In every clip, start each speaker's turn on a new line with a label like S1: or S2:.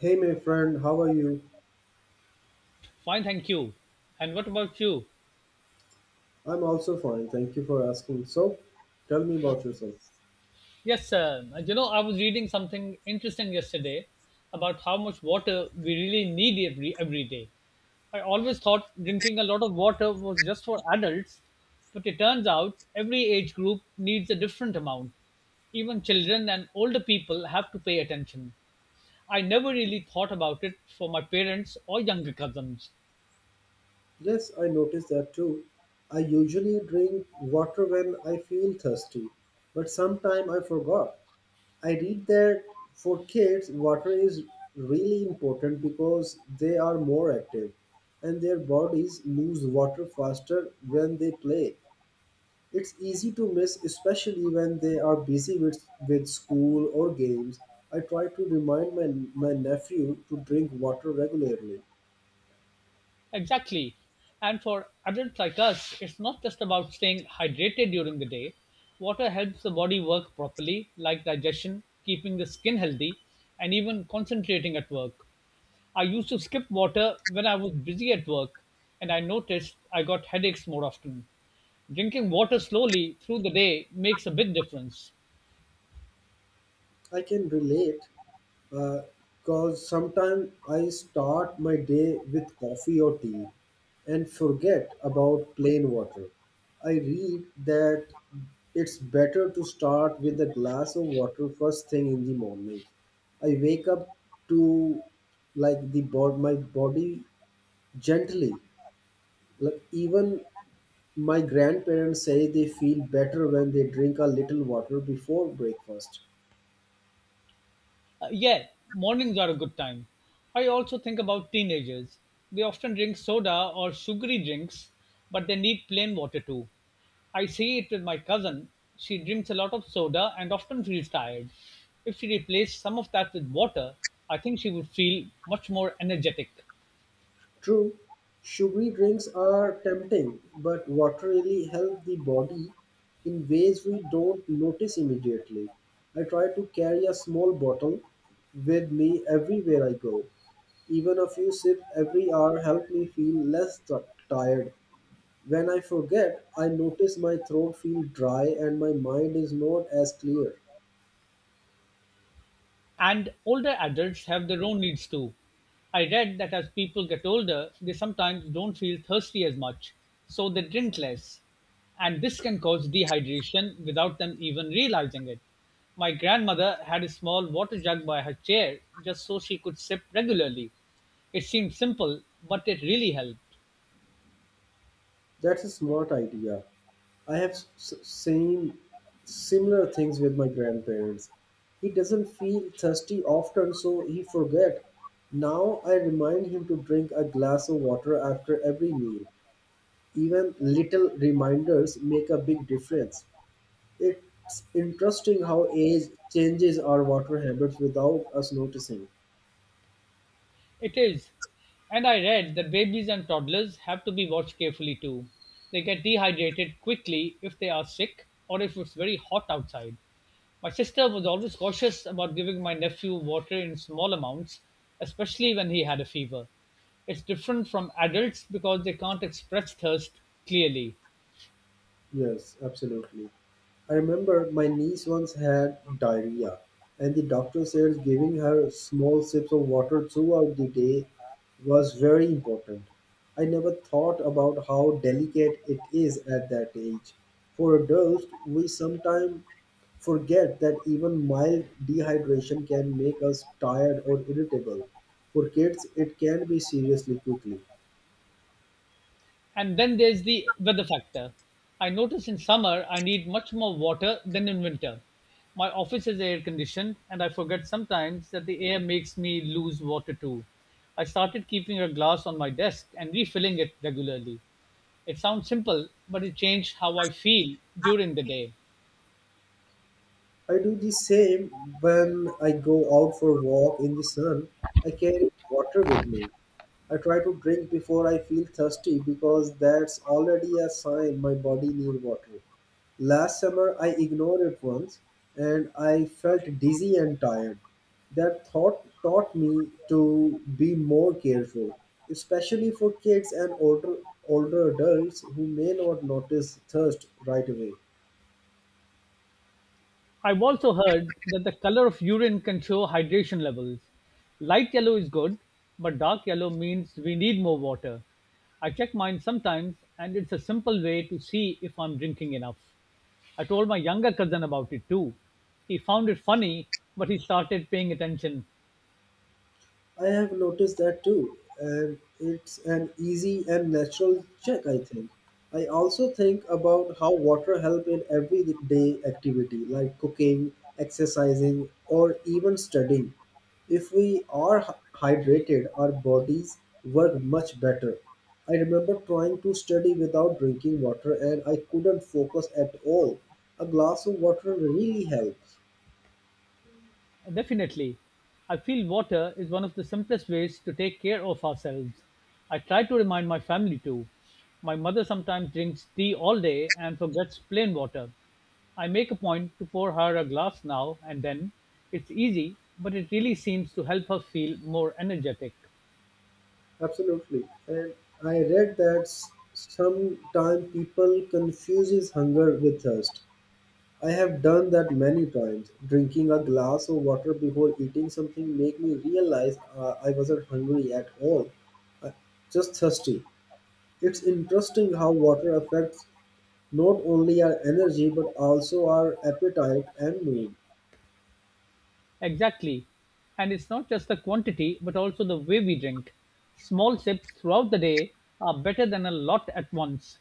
S1: Hey, my friend, how are you?
S2: Fine, thank you. And what about you?
S1: I'm also fine, thank you for asking. So, tell me about yourself.
S2: I was reading something interesting yesterday about how much water we really need every day. I always thought drinking a lot of water was just for adults, but it turns out every age group needs a different amount. Even children and older people have to pay attention. I never really thought about it for my parents or younger cousins.
S1: Yes, I noticed that too. I usually drink water when I feel thirsty, but sometimes I forgot. I read that for kids, water is really important because they are more active and their bodies lose water faster when they play. It's easy to miss, especially when they are busy with school or games. I try to remind my nephew to drink water regularly.
S2: Exactly. And for adults like us, it's not just about staying hydrated during the day. Water helps the body work properly, like digestion, keeping the skin healthy, and even concentrating at work. I used to skip water when I was busy at work, and I noticed I got headaches more often. Drinking water slowly through the day makes a big difference.
S1: I can relate because sometimes I start my day with coffee or tea and forget about plain water. I read that it's better to start with a glass of water first thing in the morning. I wake up to like the bod my body gently, like even my grandparents say they feel better when they drink a little water before breakfast.
S2: Yeah, mornings are a good time. I also think about teenagers. They often drink soda or sugary drinks, but they need plain water too. I see it with my cousin. She drinks a lot of soda and often feels tired. If she replaced some of that with water, I think she would feel much more energetic.
S1: True, sugary drinks are tempting, but water really helps the body in ways we don't notice immediately. I try to carry a small bottle with me everywhere I go. Even a few sips every hour help me feel less tired. When I forget, I notice my throat feel dry and my mind is not as clear.
S2: And older adults have their own needs too. I read that as people get older, they sometimes don't feel thirsty as much, so they drink less. And this can cause dehydration without them even realizing it. My grandmother had a small water jug by her chair just so she could sip regularly. It seemed simple, but it really helped.
S1: That's a smart idea. I have same similar things with my grandparents. He doesn't feel thirsty often, so he forget. Now I remind him to drink a glass of water after every meal. Even little reminders make a big difference. It's interesting how age changes our water habits without us noticing.
S2: It is. And I read that babies and toddlers have to be watched carefully too. They get dehydrated quickly if they are sick or if it's very hot outside. My sister was always cautious about giving my nephew water in small amounts, especially when he had a fever. It's different from adults because they can't express thirst clearly.
S1: Yes, absolutely. I remember my niece once had diarrhea, and the doctor said giving her small sips of water throughout the day was very important. I never thought about how delicate it is at that age. For adults, we sometimes forget that even mild dehydration can make us tired or irritable. For kids, it can be seriously quickly.
S2: And then there's the weather factor. I notice in summer I need much more water than in winter. My office is air conditioned, and I forget sometimes that the air makes me lose water too. I started keeping a glass on my desk and refilling it regularly. It sounds simple, but it changed how I feel during the day.
S1: I do the same when I go out for a walk in the sun. I carry water with me. I try to drink before I feel thirsty because that's already a sign my body needs water. Last summer I ignored it once and I felt dizzy and tired. That thought taught me to be more careful, especially for kids and older adults who may not notice thirst right away.
S2: I've also heard that the color of urine can show hydration levels. Light yellow is good, but dark yellow means we need more water. I check mine sometimes, and it's a simple way to see if I'm drinking enough. I told my younger cousin about it too. He found it funny, but he started paying attention.
S1: I have noticed that too, and it's an easy and natural check, I think. I also think about how water helps in everyday activity like cooking, exercising, or even studying. If we are hydrated, our bodies work much better. I remember trying to study without drinking water and I couldn't focus at all. A glass of water really helps.
S2: Definitely. I feel water is one of the simplest ways to take care of ourselves. I try to remind my family too. My mother sometimes drinks tea all day and forgets plain water. I make a point to pour her a glass now and then. It's easy, but it really seems to help her feel more energetic.
S1: Absolutely. And I read that sometime people confuses hunger with thirst. I have done that many times. Drinking a glass of water before eating something make me realize I wasn't hungry at all, uh, just thirsty. It's interesting how water affects not only our energy but also our appetite and mood.
S2: Exactly. And it's not just the quantity, but also the way we drink. Small sips throughout the day are better than a lot at once.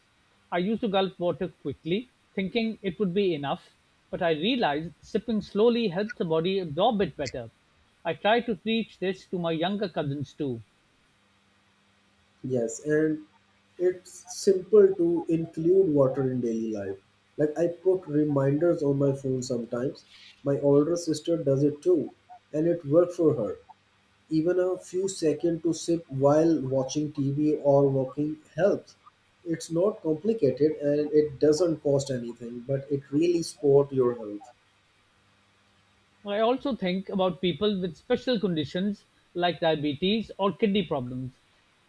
S2: I used to gulp water quickly, thinking it would be enough, but I realized sipping slowly helps the body absorb it better. I try to teach this to my younger cousins too.
S1: Yes, and it's simple to include water in daily life. Like I put reminders on my phone sometimes. My older sister does it too, and it worked for her. Even a few seconds to sip while watching TV or walking helps. It's not complicated and it doesn't cost anything, but it really support your health.
S2: I also think about people with special conditions like diabetes or kidney problems.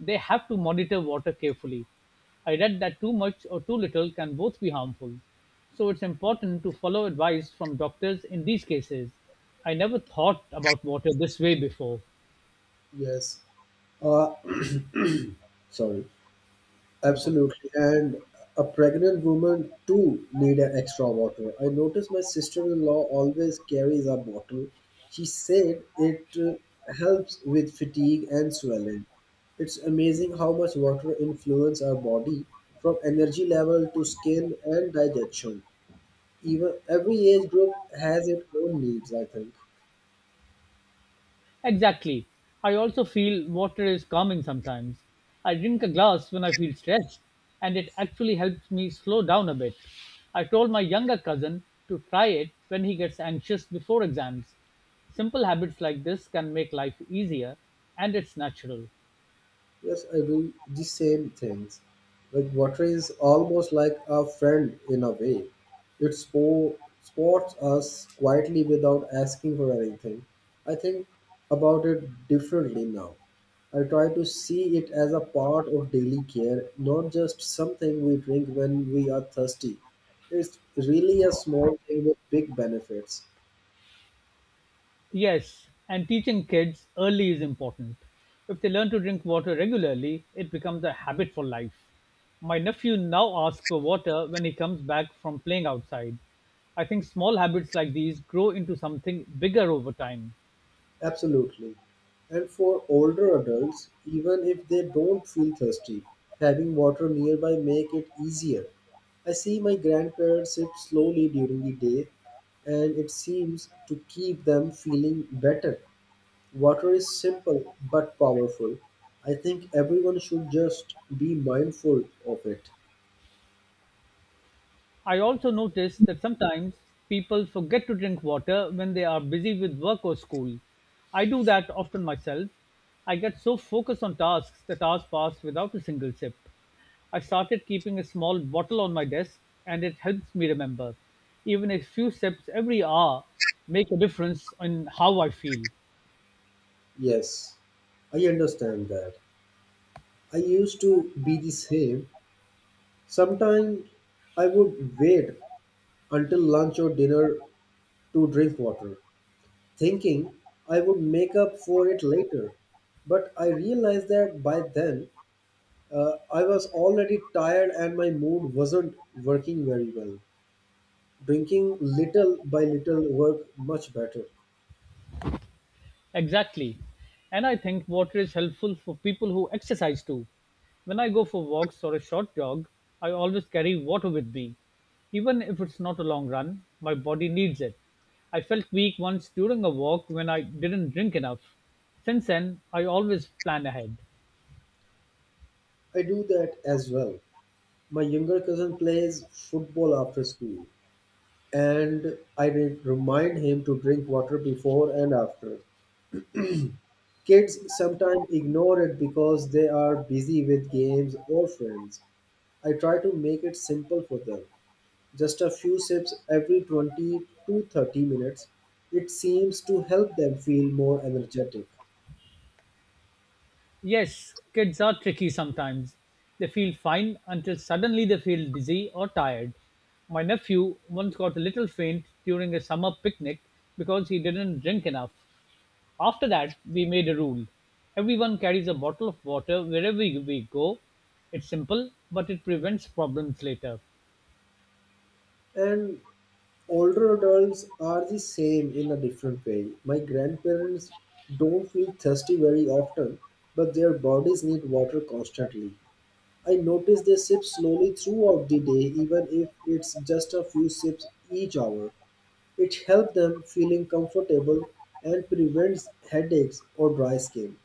S2: They have to monitor water carefully. I read that too much or too little can both be harmful. So it's important to follow advice from doctors in these cases. I never thought about water this way before.
S1: Yes. Uh, sorry.
S2: No problem.
S1: Absolutely. And a pregnant woman too need an extra water. I noticed my sister-in-law always carries a bottle. She said it helps with fatigue and swelling. It's amazing how much water influence our body from energy level to skin and digestion. Even every age group has its own needs, I think.
S2: Exactly. I also feel water is calming sometimes. I drink a glass when I feel stressed, and it actually helps me slow down a bit. I told my younger cousin to try it when he gets anxious before exams. Simple habits like this can make life easier, and it's natural.
S1: Yes, I do the same things. Like water is almost like a friend in a way. It sports us quietly without asking for anything. I think about it differently now. I try to see it as a part of daily care, not just something we drink when we are thirsty. It's really a small thing with big benefits.
S2: Yes, and teaching kids early is important. If they learn to drink water regularly, it becomes a habit for life. My nephew now asks for water when he comes back from playing outside. I think small habits like these grow into something bigger over time.
S1: Absolutely. And for older adults, even if they don't feel thirsty, having water nearby make it easier. I see my grandparents sip slowly during the day and it seems to keep them feeling better. Water is simple but powerful. I think everyone should just be mindful of it.
S2: I also notice that sometimes people forget to drink water when they are busy with work or school. I do that often myself. I get so focused on tasks that hours pass without a single sip. I started keeping a small bottle on my desk and it helps me remember. Even a few sips every hour make a difference in how I feel.
S1: Yes, I understand that. I used to be the same. Sometimes I would wait until lunch or dinner to drink water, thinking I would make up for it later. But I realized that by then I was already tired and my mood wasn't working very well. Drinking little by little worked much better.
S2: Exactly. And I think water is helpful for people who exercise too. When I go for walks or a short jog, I always carry water with me. Even if it's not a long run, my body needs it. I felt weak once during a walk when I didn't drink enough. Since then, I always plan ahead.
S1: I do that as well. My younger cousin plays football after school, and I remind him to drink water before and after. Kids sometimes ignore it because they are busy with games or friends. I try to make it simple for them. Just a few sips every 20 to 30 minutes. It seems to help them feel more energetic.
S2: Yes, kids are tricky sometimes. They feel fine until suddenly they feel dizzy or tired. My nephew once got a little faint during a summer picnic because he didn't drink enough. After that, we made a rule. Everyone carries a bottle of water wherever we go. It's simple, but it prevents problems later.
S1: And older adults are the same in a different way. My grandparents don't feel thirsty very often, but their bodies need water constantly. I notice they sip slowly throughout the day, even if it's just a few sips each hour. It helps them feeling comfortable and prevents headaches or dry skin.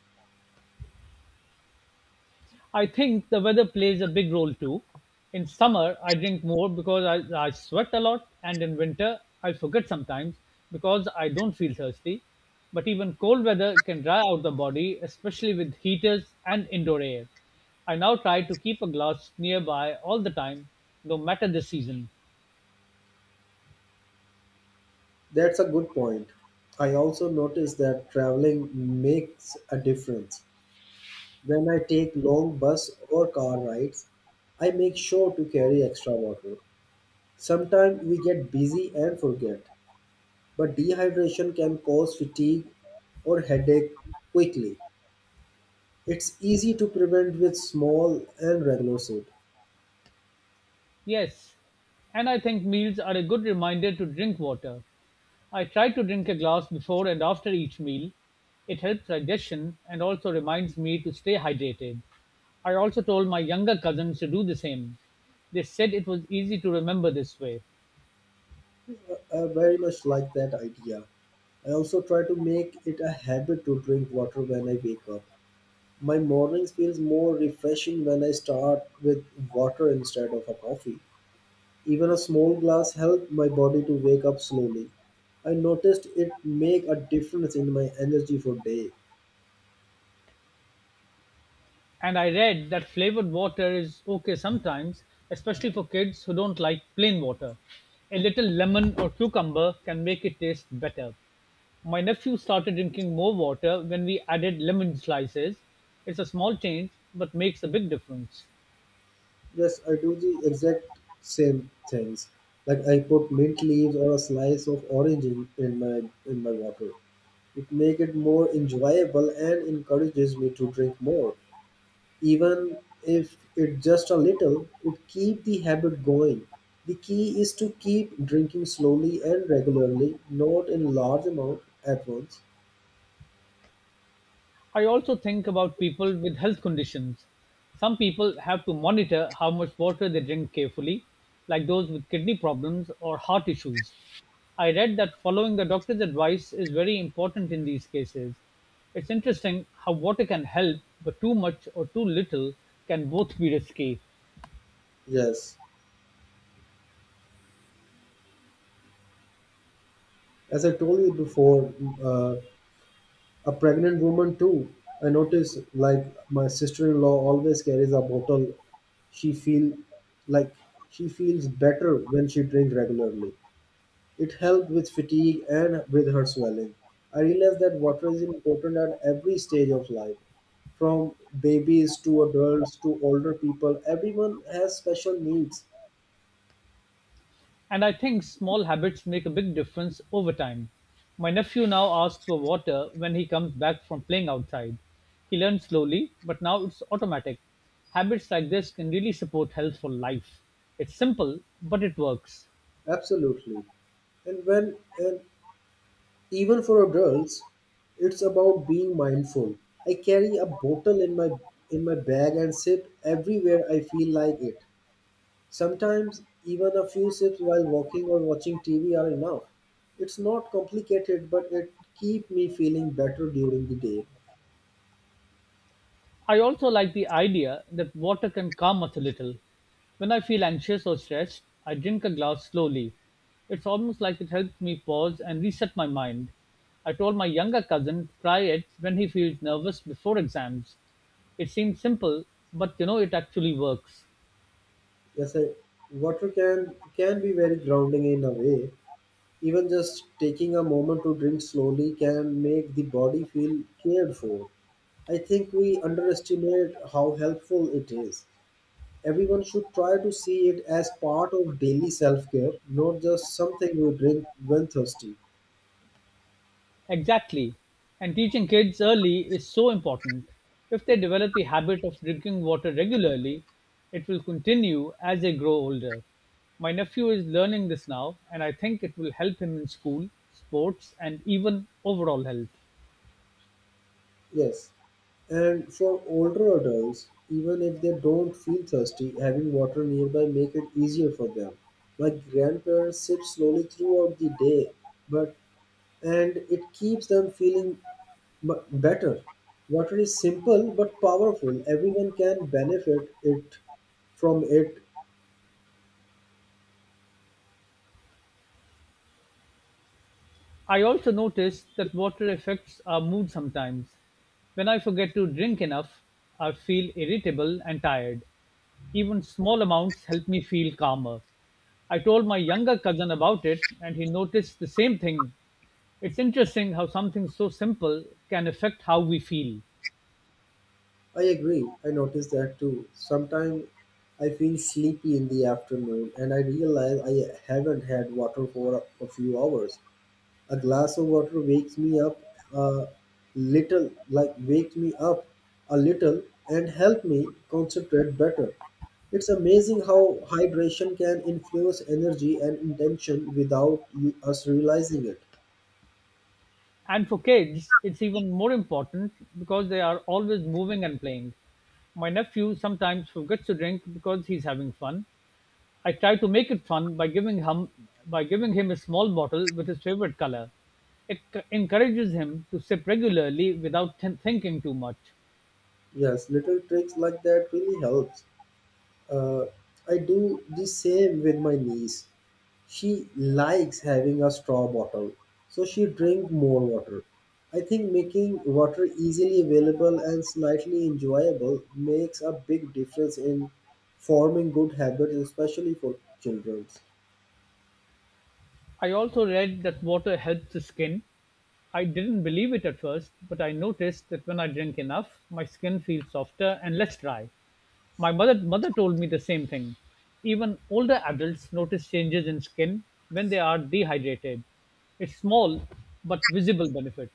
S2: I think the weather plays a big role too. In summer, I drink more because I sweat a lot, and in winter, I forget sometimes because I don't feel thirsty. But even cold weather can dry out the body, especially with heaters and indoor air. I now try to keep a glass nearby all the time, no matter the season.
S1: That's a good point. I also notice that traveling makes a difference. When I take long bus or car rides, I make sure to carry extra water. Sometimes we get busy and forget, but dehydration can cause fatigue or headache quickly. It's easy to prevent with small and regular sleep.
S2: Yes, and I think meals are a good reminder to drink water. I try to drink a glass before and after each meal. It helps digestion and also reminds me to stay hydrated. I also told my younger cousins to do the same. They said it was easy to remember this way.
S1: I very much like that idea. I also try to make it a habit to drink water when I wake up. My mornings feels more refreshing when I start with water instead of a coffee. Even a small glass helped my body to wake up slowly. I noticed it make a difference in my energy for day.
S2: And I read that flavored water is okay sometimes, especially for kids who don't like plain water. A little lemon or cucumber can make it taste better. My nephew started drinking more water when we added lemon slices. It's a small change, but makes a big difference.
S1: Yes, I do the exact same things. Like I put mint leaves or a slice of orange in my water. It makes it more enjoyable and encourages me to drink more. Even if it's just a little, it keeps the habit going. The key is to keep drinking slowly and regularly, not in large amount at once.
S2: I also think about people with health conditions. Some people have to monitor how much water they drink carefully, like those with kidney problems or heart issues. I read that following the doctor's advice is very important in these cases. It's interesting how water can help, but too much or too little can both be risky.
S1: Yes, as I told you before, uh, a pregnant woman too. I notice like my sister-in-law always carries a bottle. She feel like she feels better when she drinks regularly. It helped with fatigue and with her swelling. I realized that water is important at every stage of life. From babies to adults to older people, everyone has special needs.
S2: And I think small habits make a big difference over time. My nephew now asks for water when he comes back from playing outside. He learned slowly, but now it's automatic. Habits like this can really support health for life. It's simple, but it works.
S1: Absolutely. And even for adults, it's about being mindful. I carry a bottle in my bag and sip everywhere I feel like it. Sometimes even a few sips while walking or watching TV are enough. It's not complicated, but it keep me feeling better during the day.
S2: I also like the idea that water can calm us a little. When I feel anxious or stressed, I drink a glass slowly. It's almost like it helps me pause and reset my mind. I told my younger cousin to try it when he feels nervous before exams. It seems simple, but it actually works.
S1: Yes, I, Water can be very grounding in a way. Even just taking a moment to drink slowly can make the body feel cared for. I think we underestimate how helpful it is. Everyone should try to see it as part of daily self care, not just something we drink when thirsty.
S2: Exactly. And teaching kids early is so important. If they develop the habit of drinking water regularly, it will continue as they grow older. My nephew is learning this now, and I think it will help him in school, sports, and even overall health.
S1: Yes, and for older adults, even if they don't feel thirsty, having water nearby make it easier for them. My grandparents sip slowly throughout the day, but and it keeps them feeling better. Water is simple but powerful. Everyone can benefit it from it.
S2: I also noticed that water affects our mood sometimes. When I forget to drink enough, I feel irritable and tired. Even small amounts help me feel calmer. I told my younger cousin about it, and he noticed the same thing. It's interesting how something so simple can affect how we feel.
S1: I agree. I notice that too. Sometimes I feel sleepy in the afternoon and I realize I haven't had water for a few hours. A glass of water wakes me up a little, like wakes me up a little and help me concentrate better. It's amazing how hydration can influence energy and intention without us realizing it.
S2: And for kids, it's even more important because they are always moving and playing. My nephew sometimes forgets to drink because he's having fun. I try to make it fun by giving him a small bottle with his favorite color. It encourages him to sip regularly without thinking too much.
S1: Yes, little tricks like that really helps. Uh, I do the same with my niece. She likes having a straw bottle, so she drink more water. I think making water easily available and slightly enjoyable makes a big difference in forming good habits, especially for children.
S2: I also read that water helps the skin. I didn't believe it at first, but I noticed that when I drink enough, my skin feels softer and less dry. My mother told me the same thing. Even older adults notice changes in skin when they are dehydrated. It's small but visible benefit.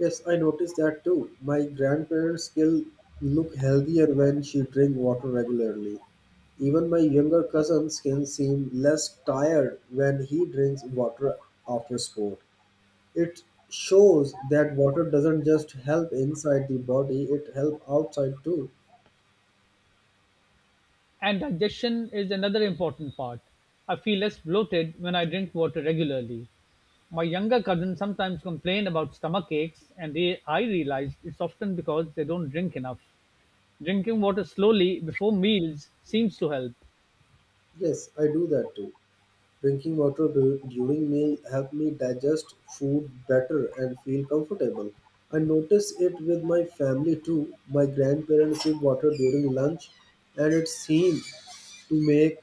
S1: Yes, I noticed that too. My grandparents still look healthier when she drink water regularly. Even my younger cousins can seem less tired when he drinks water after sport. It shows that water doesn't just help inside the body, it helps outside too.
S2: And digestion is another important part. I feel less bloated when I drink water regularly. My younger cousins sometimes complain about stomach aches, and I realized it's often because they don't drink enough. Drinking water slowly before meals seems to help.
S1: Yes, I do that too. Drinking water during meal help me digest food better and feel comfortable. I notice it with my family too. My grandparents sip water during lunch and to make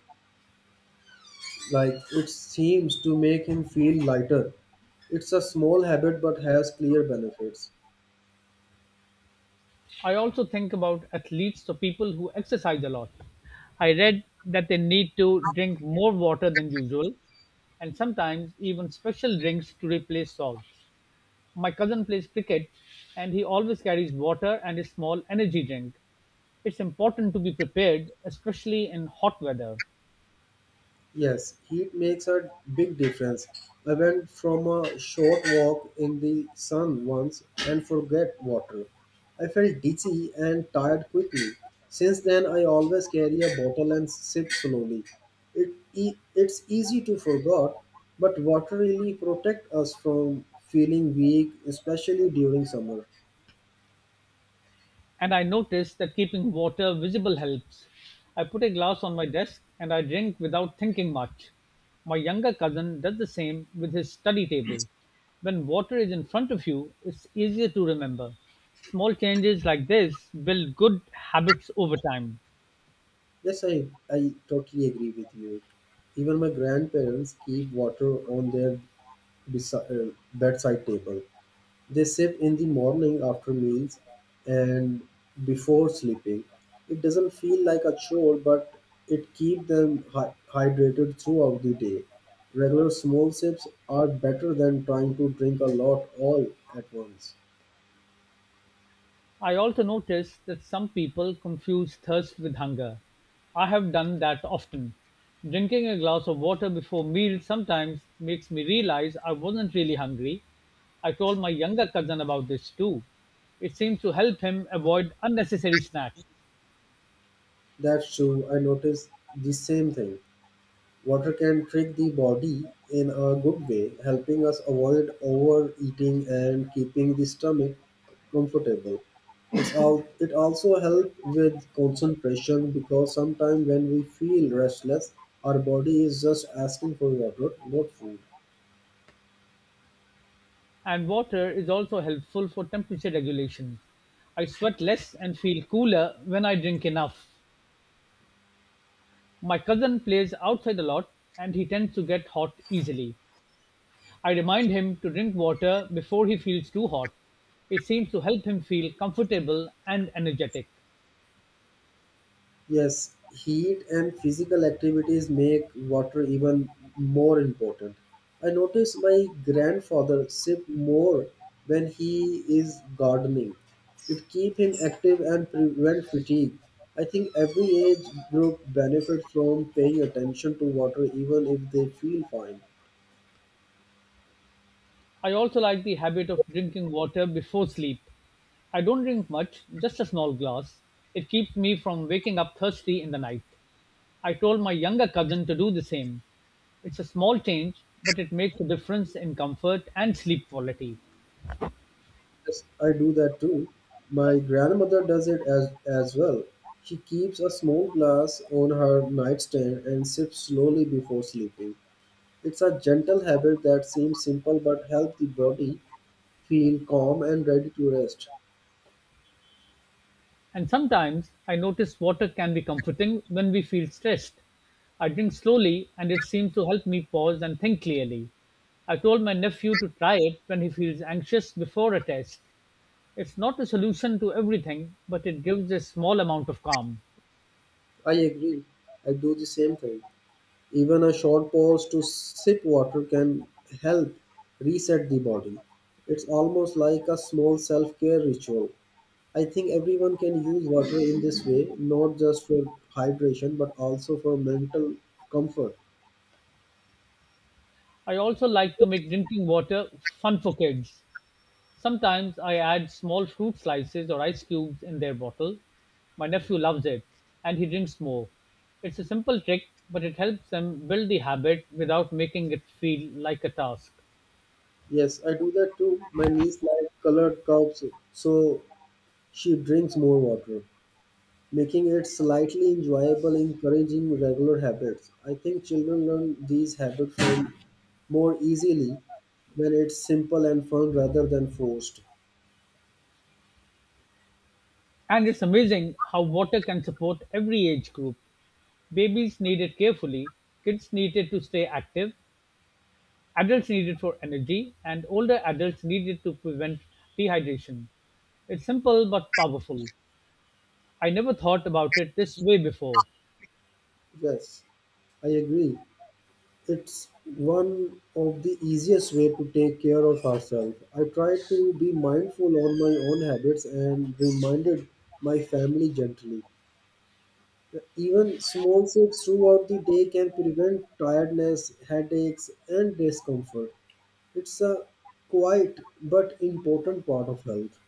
S1: it seems to make him feel lighter. It's a small habit but has clear benefits.
S2: I also think about athletes or people who exercise a lot. I read that they need to drink more water than usual and sometimes even special drinks to replace salts. My cousin plays cricket and he always carries water and a small energy drink. It's important to be prepared, especially in hot weather.
S1: Yes, heat makes a big difference. I went from a short walk in the sun once and forget water. I felt dizzy and tired quickly. Since then, I always carry a bottle and sip slowly. It's easy to forget, but water really protect us from feeling weak, especially during summer.
S2: And I noticed that keeping water visible helps. I put a glass on my desk and I drink without thinking much. My younger cousin does the same with his study table. When water is in front of you, it's easier to remember. Small changes like this build good habits over time.
S1: Yes, I totally agree with you. Even my grandparents keep water on their bedside table. They sip in the morning after meals and before sleeping. It doesn't feel like a chore, but it keeps them hydrated throughout the day. Regular small sips are better than trying to drink a lot all at once.
S2: I also notice that some people confuse thirst with hunger. I have done that often. Drinking a glass of water before meals sometimes makes me realize I wasn't really hungry. I told my younger cousin about this too. It seems to help him avoid unnecessary snacks.
S1: That's true. I noticed the same thing. Water can trick the body in a good way, helping us avoid overeating and keeping the stomach comfortable. It also helps with concentration because sometimes when we feel restless, our body is just asking for water, not food.
S2: And water is also helpful for temperature regulation. I sweat less and feel cooler when I drink enough. My cousin plays outside a lot and he tends to get hot easily. I remind him to drink water before he feels too hot. It seems to help him feel comfortable and energetic.
S1: Yes, heat and physical activities make water even more important. I notice my grandfather sip more when he is gardening. It keeps him active and prevent fatigue. I think every age group benefits from paying attention to water even if they feel fine.
S2: I also like the habit of drinking water before sleep. I don't drink much, just a small glass. It keeps me from waking up thirsty in the night. I told my younger cousin to do the same. It's a small change, but it makes a difference in comfort and sleep quality.
S1: Yes, I do that too. My grandmother does it as well. She keeps a small glass on her nightstand and sips slowly before sleeping. It's a gentle habit that seems simple but helps the body feel calm and ready to rest.
S2: And sometimes I notice water can be comforting when we feel stressed. I drink slowly and it seems to help me pause and think clearly. I told my nephew to try it when he feels anxious before a test. It's not a solution to everything, but it gives a small amount of calm.
S1: I agree. I do the same thing. Even a short pause to sip water can help reset the body. It's almost like a small self-care ritual. I think everyone can use water in this way, not just for hydration, but also for mental comfort.
S2: I also like to make drinking water fun for kids. Sometimes I add small fruit slices or ice cubes in their bottle. My nephew loves it and he drinks more. It's a simple trick, but it helps them build the habit without making it feel like a task.
S1: Yes, I do that too. My niece likes colored cups, so she drinks more water, making it slightly enjoyable, encouraging regular habits. I think children learn these habits from more easily when it's simple and fun rather than forced.
S2: And it's amazing how water can support every age group. Babies need it carefully, kids need it to stay active, adults need it for energy, and older adults need it to prevent dehydration. It's simple but powerful. I never thought about it this way before.
S1: Yes, I agree. It's one of the easiest way to take care of ourselves. I try to be mindful on my own habits and reminded my family gently. Even small shifts throughout the day can prevent tiredness, headaches, and discomfort. It's a quiet but important part of health.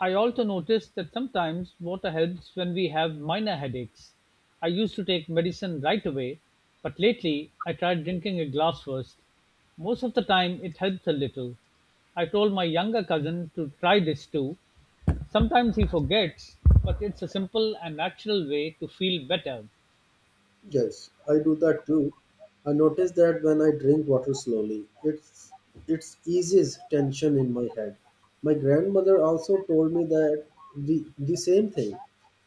S2: I also noticed that sometimes water helps when we have minor headaches. I used to take medicine right away, but lately I tried drinking a glass first. Most of the time it helps a little. I told my younger cousin to try this too. Sometimes he forgets, but it's a simple and natural way to feel better.
S1: Yes, I do that too. I notice that when I drink water slowly, it's eases tension in my head. My grandmother also told me that the same thing.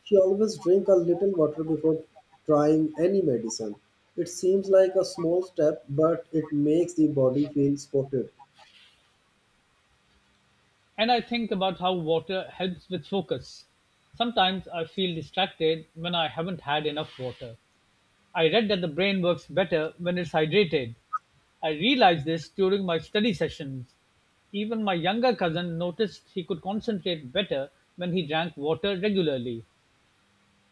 S1: She always drink a little water before trying any medicine. It seems like a small step, but it makes the body feel supported.
S2: And I think about how water helps with focus. Sometimes I feel distracted when I haven't had enough water. I read that the brain works better when it's hydrated. I realized this during my study sessions. Even my younger cousin noticed he could concentrate better when he drank water regularly.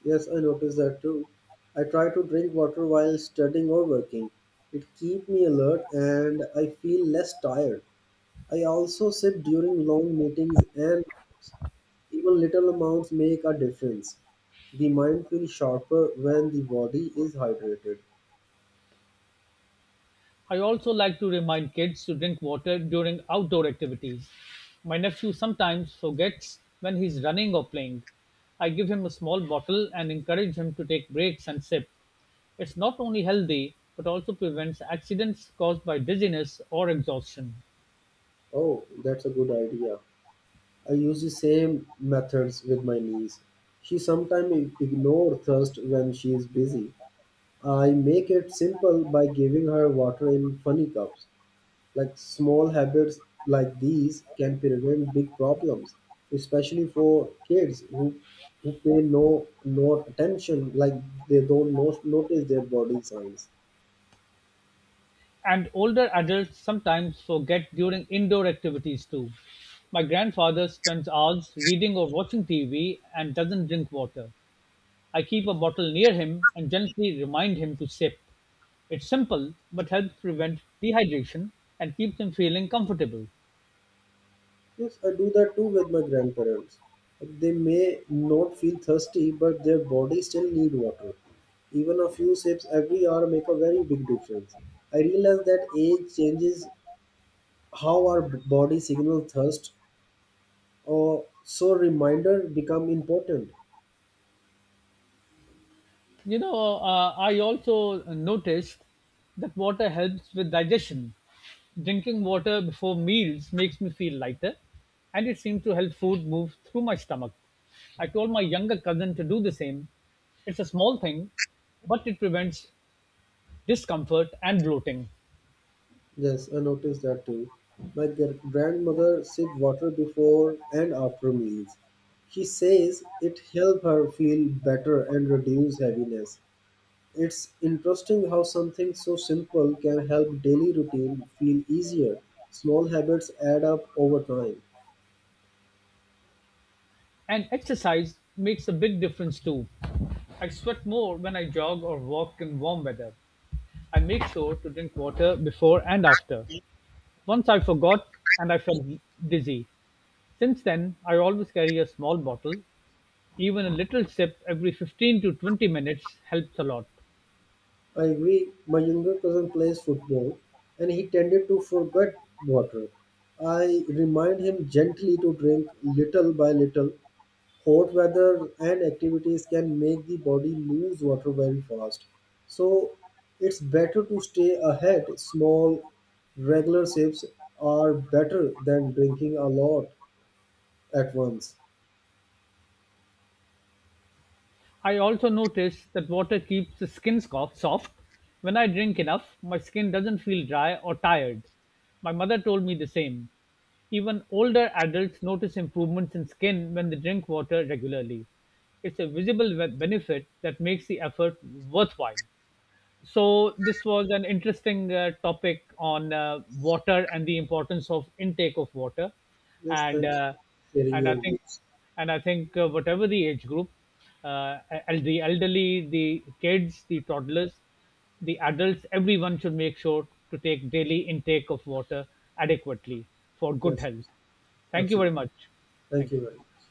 S1: Yes, I notice that too. I try to drink water while studying or working. It keeps me alert and I feel less tired. I also sip during long meetings and even little amounts make a difference. The mind feels sharper when the body is hydrated.
S2: I also like to remind kids to drink water during outdoor activities. My nephew sometimes forgets when he's running or playing. I give him a small bottle and encourage him to take breaks and sip. It's not only healthy, but also prevents accidents caused by dizziness or exhaustion.
S1: Oh, that's a good idea. I use the same methods with my niece. She sometimes ignores thirst when she is busy. I make it simple by giving her water in funny cups. Like small habits like these can prevent big problems, especially for kids who pay no attention, like they don't no, notice their body signs.
S2: And older adults sometimes forget during indoor activities too. My grandfather spends hours reading or watching TV and doesn't drink water. I keep a bottle near him and gently remind him to sip. It's simple but helps prevent dehydration and keeps him feeling comfortable.
S1: Yes, I do that too with my grandparents. Like, they may not feel thirsty, but their body still need water. Even a few sips every hour make a very big difference. I realize that age changes how our body signals thirst, or so reminder become important.
S2: I also noticed that water helps with digestion. Drinking water before meals makes me feel lighter, and it seems to help food move through my stomach. I told my younger cousin to do the same. It's a small thing, but it prevents discomfort and bloating.
S1: Yes, I noticed that too. My grandmother sipped water before and after meals. She says it helped her feel better and reduce heaviness. It's interesting how something so simple can help daily routine feel easier. Small habits add up over time.
S2: And exercise makes a big difference too. I sweat more when I jog or walk in warm weather. I make sure to drink water before and after. Once I forgot and I felt dizzy. Since then, I always carry a small bottle. Even a little sip every 15 to 20 minutes helps a lot.
S1: I agree, my younger cousin plays football and he tended to forget water. I remind him gently to drink little by little. Hot weather and activities can make the body lose water very fast, so it's better to stay ahead. Small regular sips are better than drinking a lot at once.
S2: I also noticed that water keeps the soft. When I drink enough, my skin doesn't feel dry or tired. My mother told me the same. Even older adults notice improvements in skin when they drink water regularly. It's a benefit that makes the effort worthwhile. So, this was an interesting topic on water and the importance of intake of water,
S1: Yes,
S2: and
S1: thanks
S2: uh,
S1: for sharing
S2: and
S1: your
S2: I think
S1: views.
S2: and I think whatever the age group, uh, the elderly, the kids, the toddlers, the adults, everyone should make sure to take daily intake of water adequately for good
S1: Yes,
S2: health. Thank you very
S1: absolutely.
S2: much.
S1: Thank
S2: Thank
S1: you
S2: you.
S1: very much.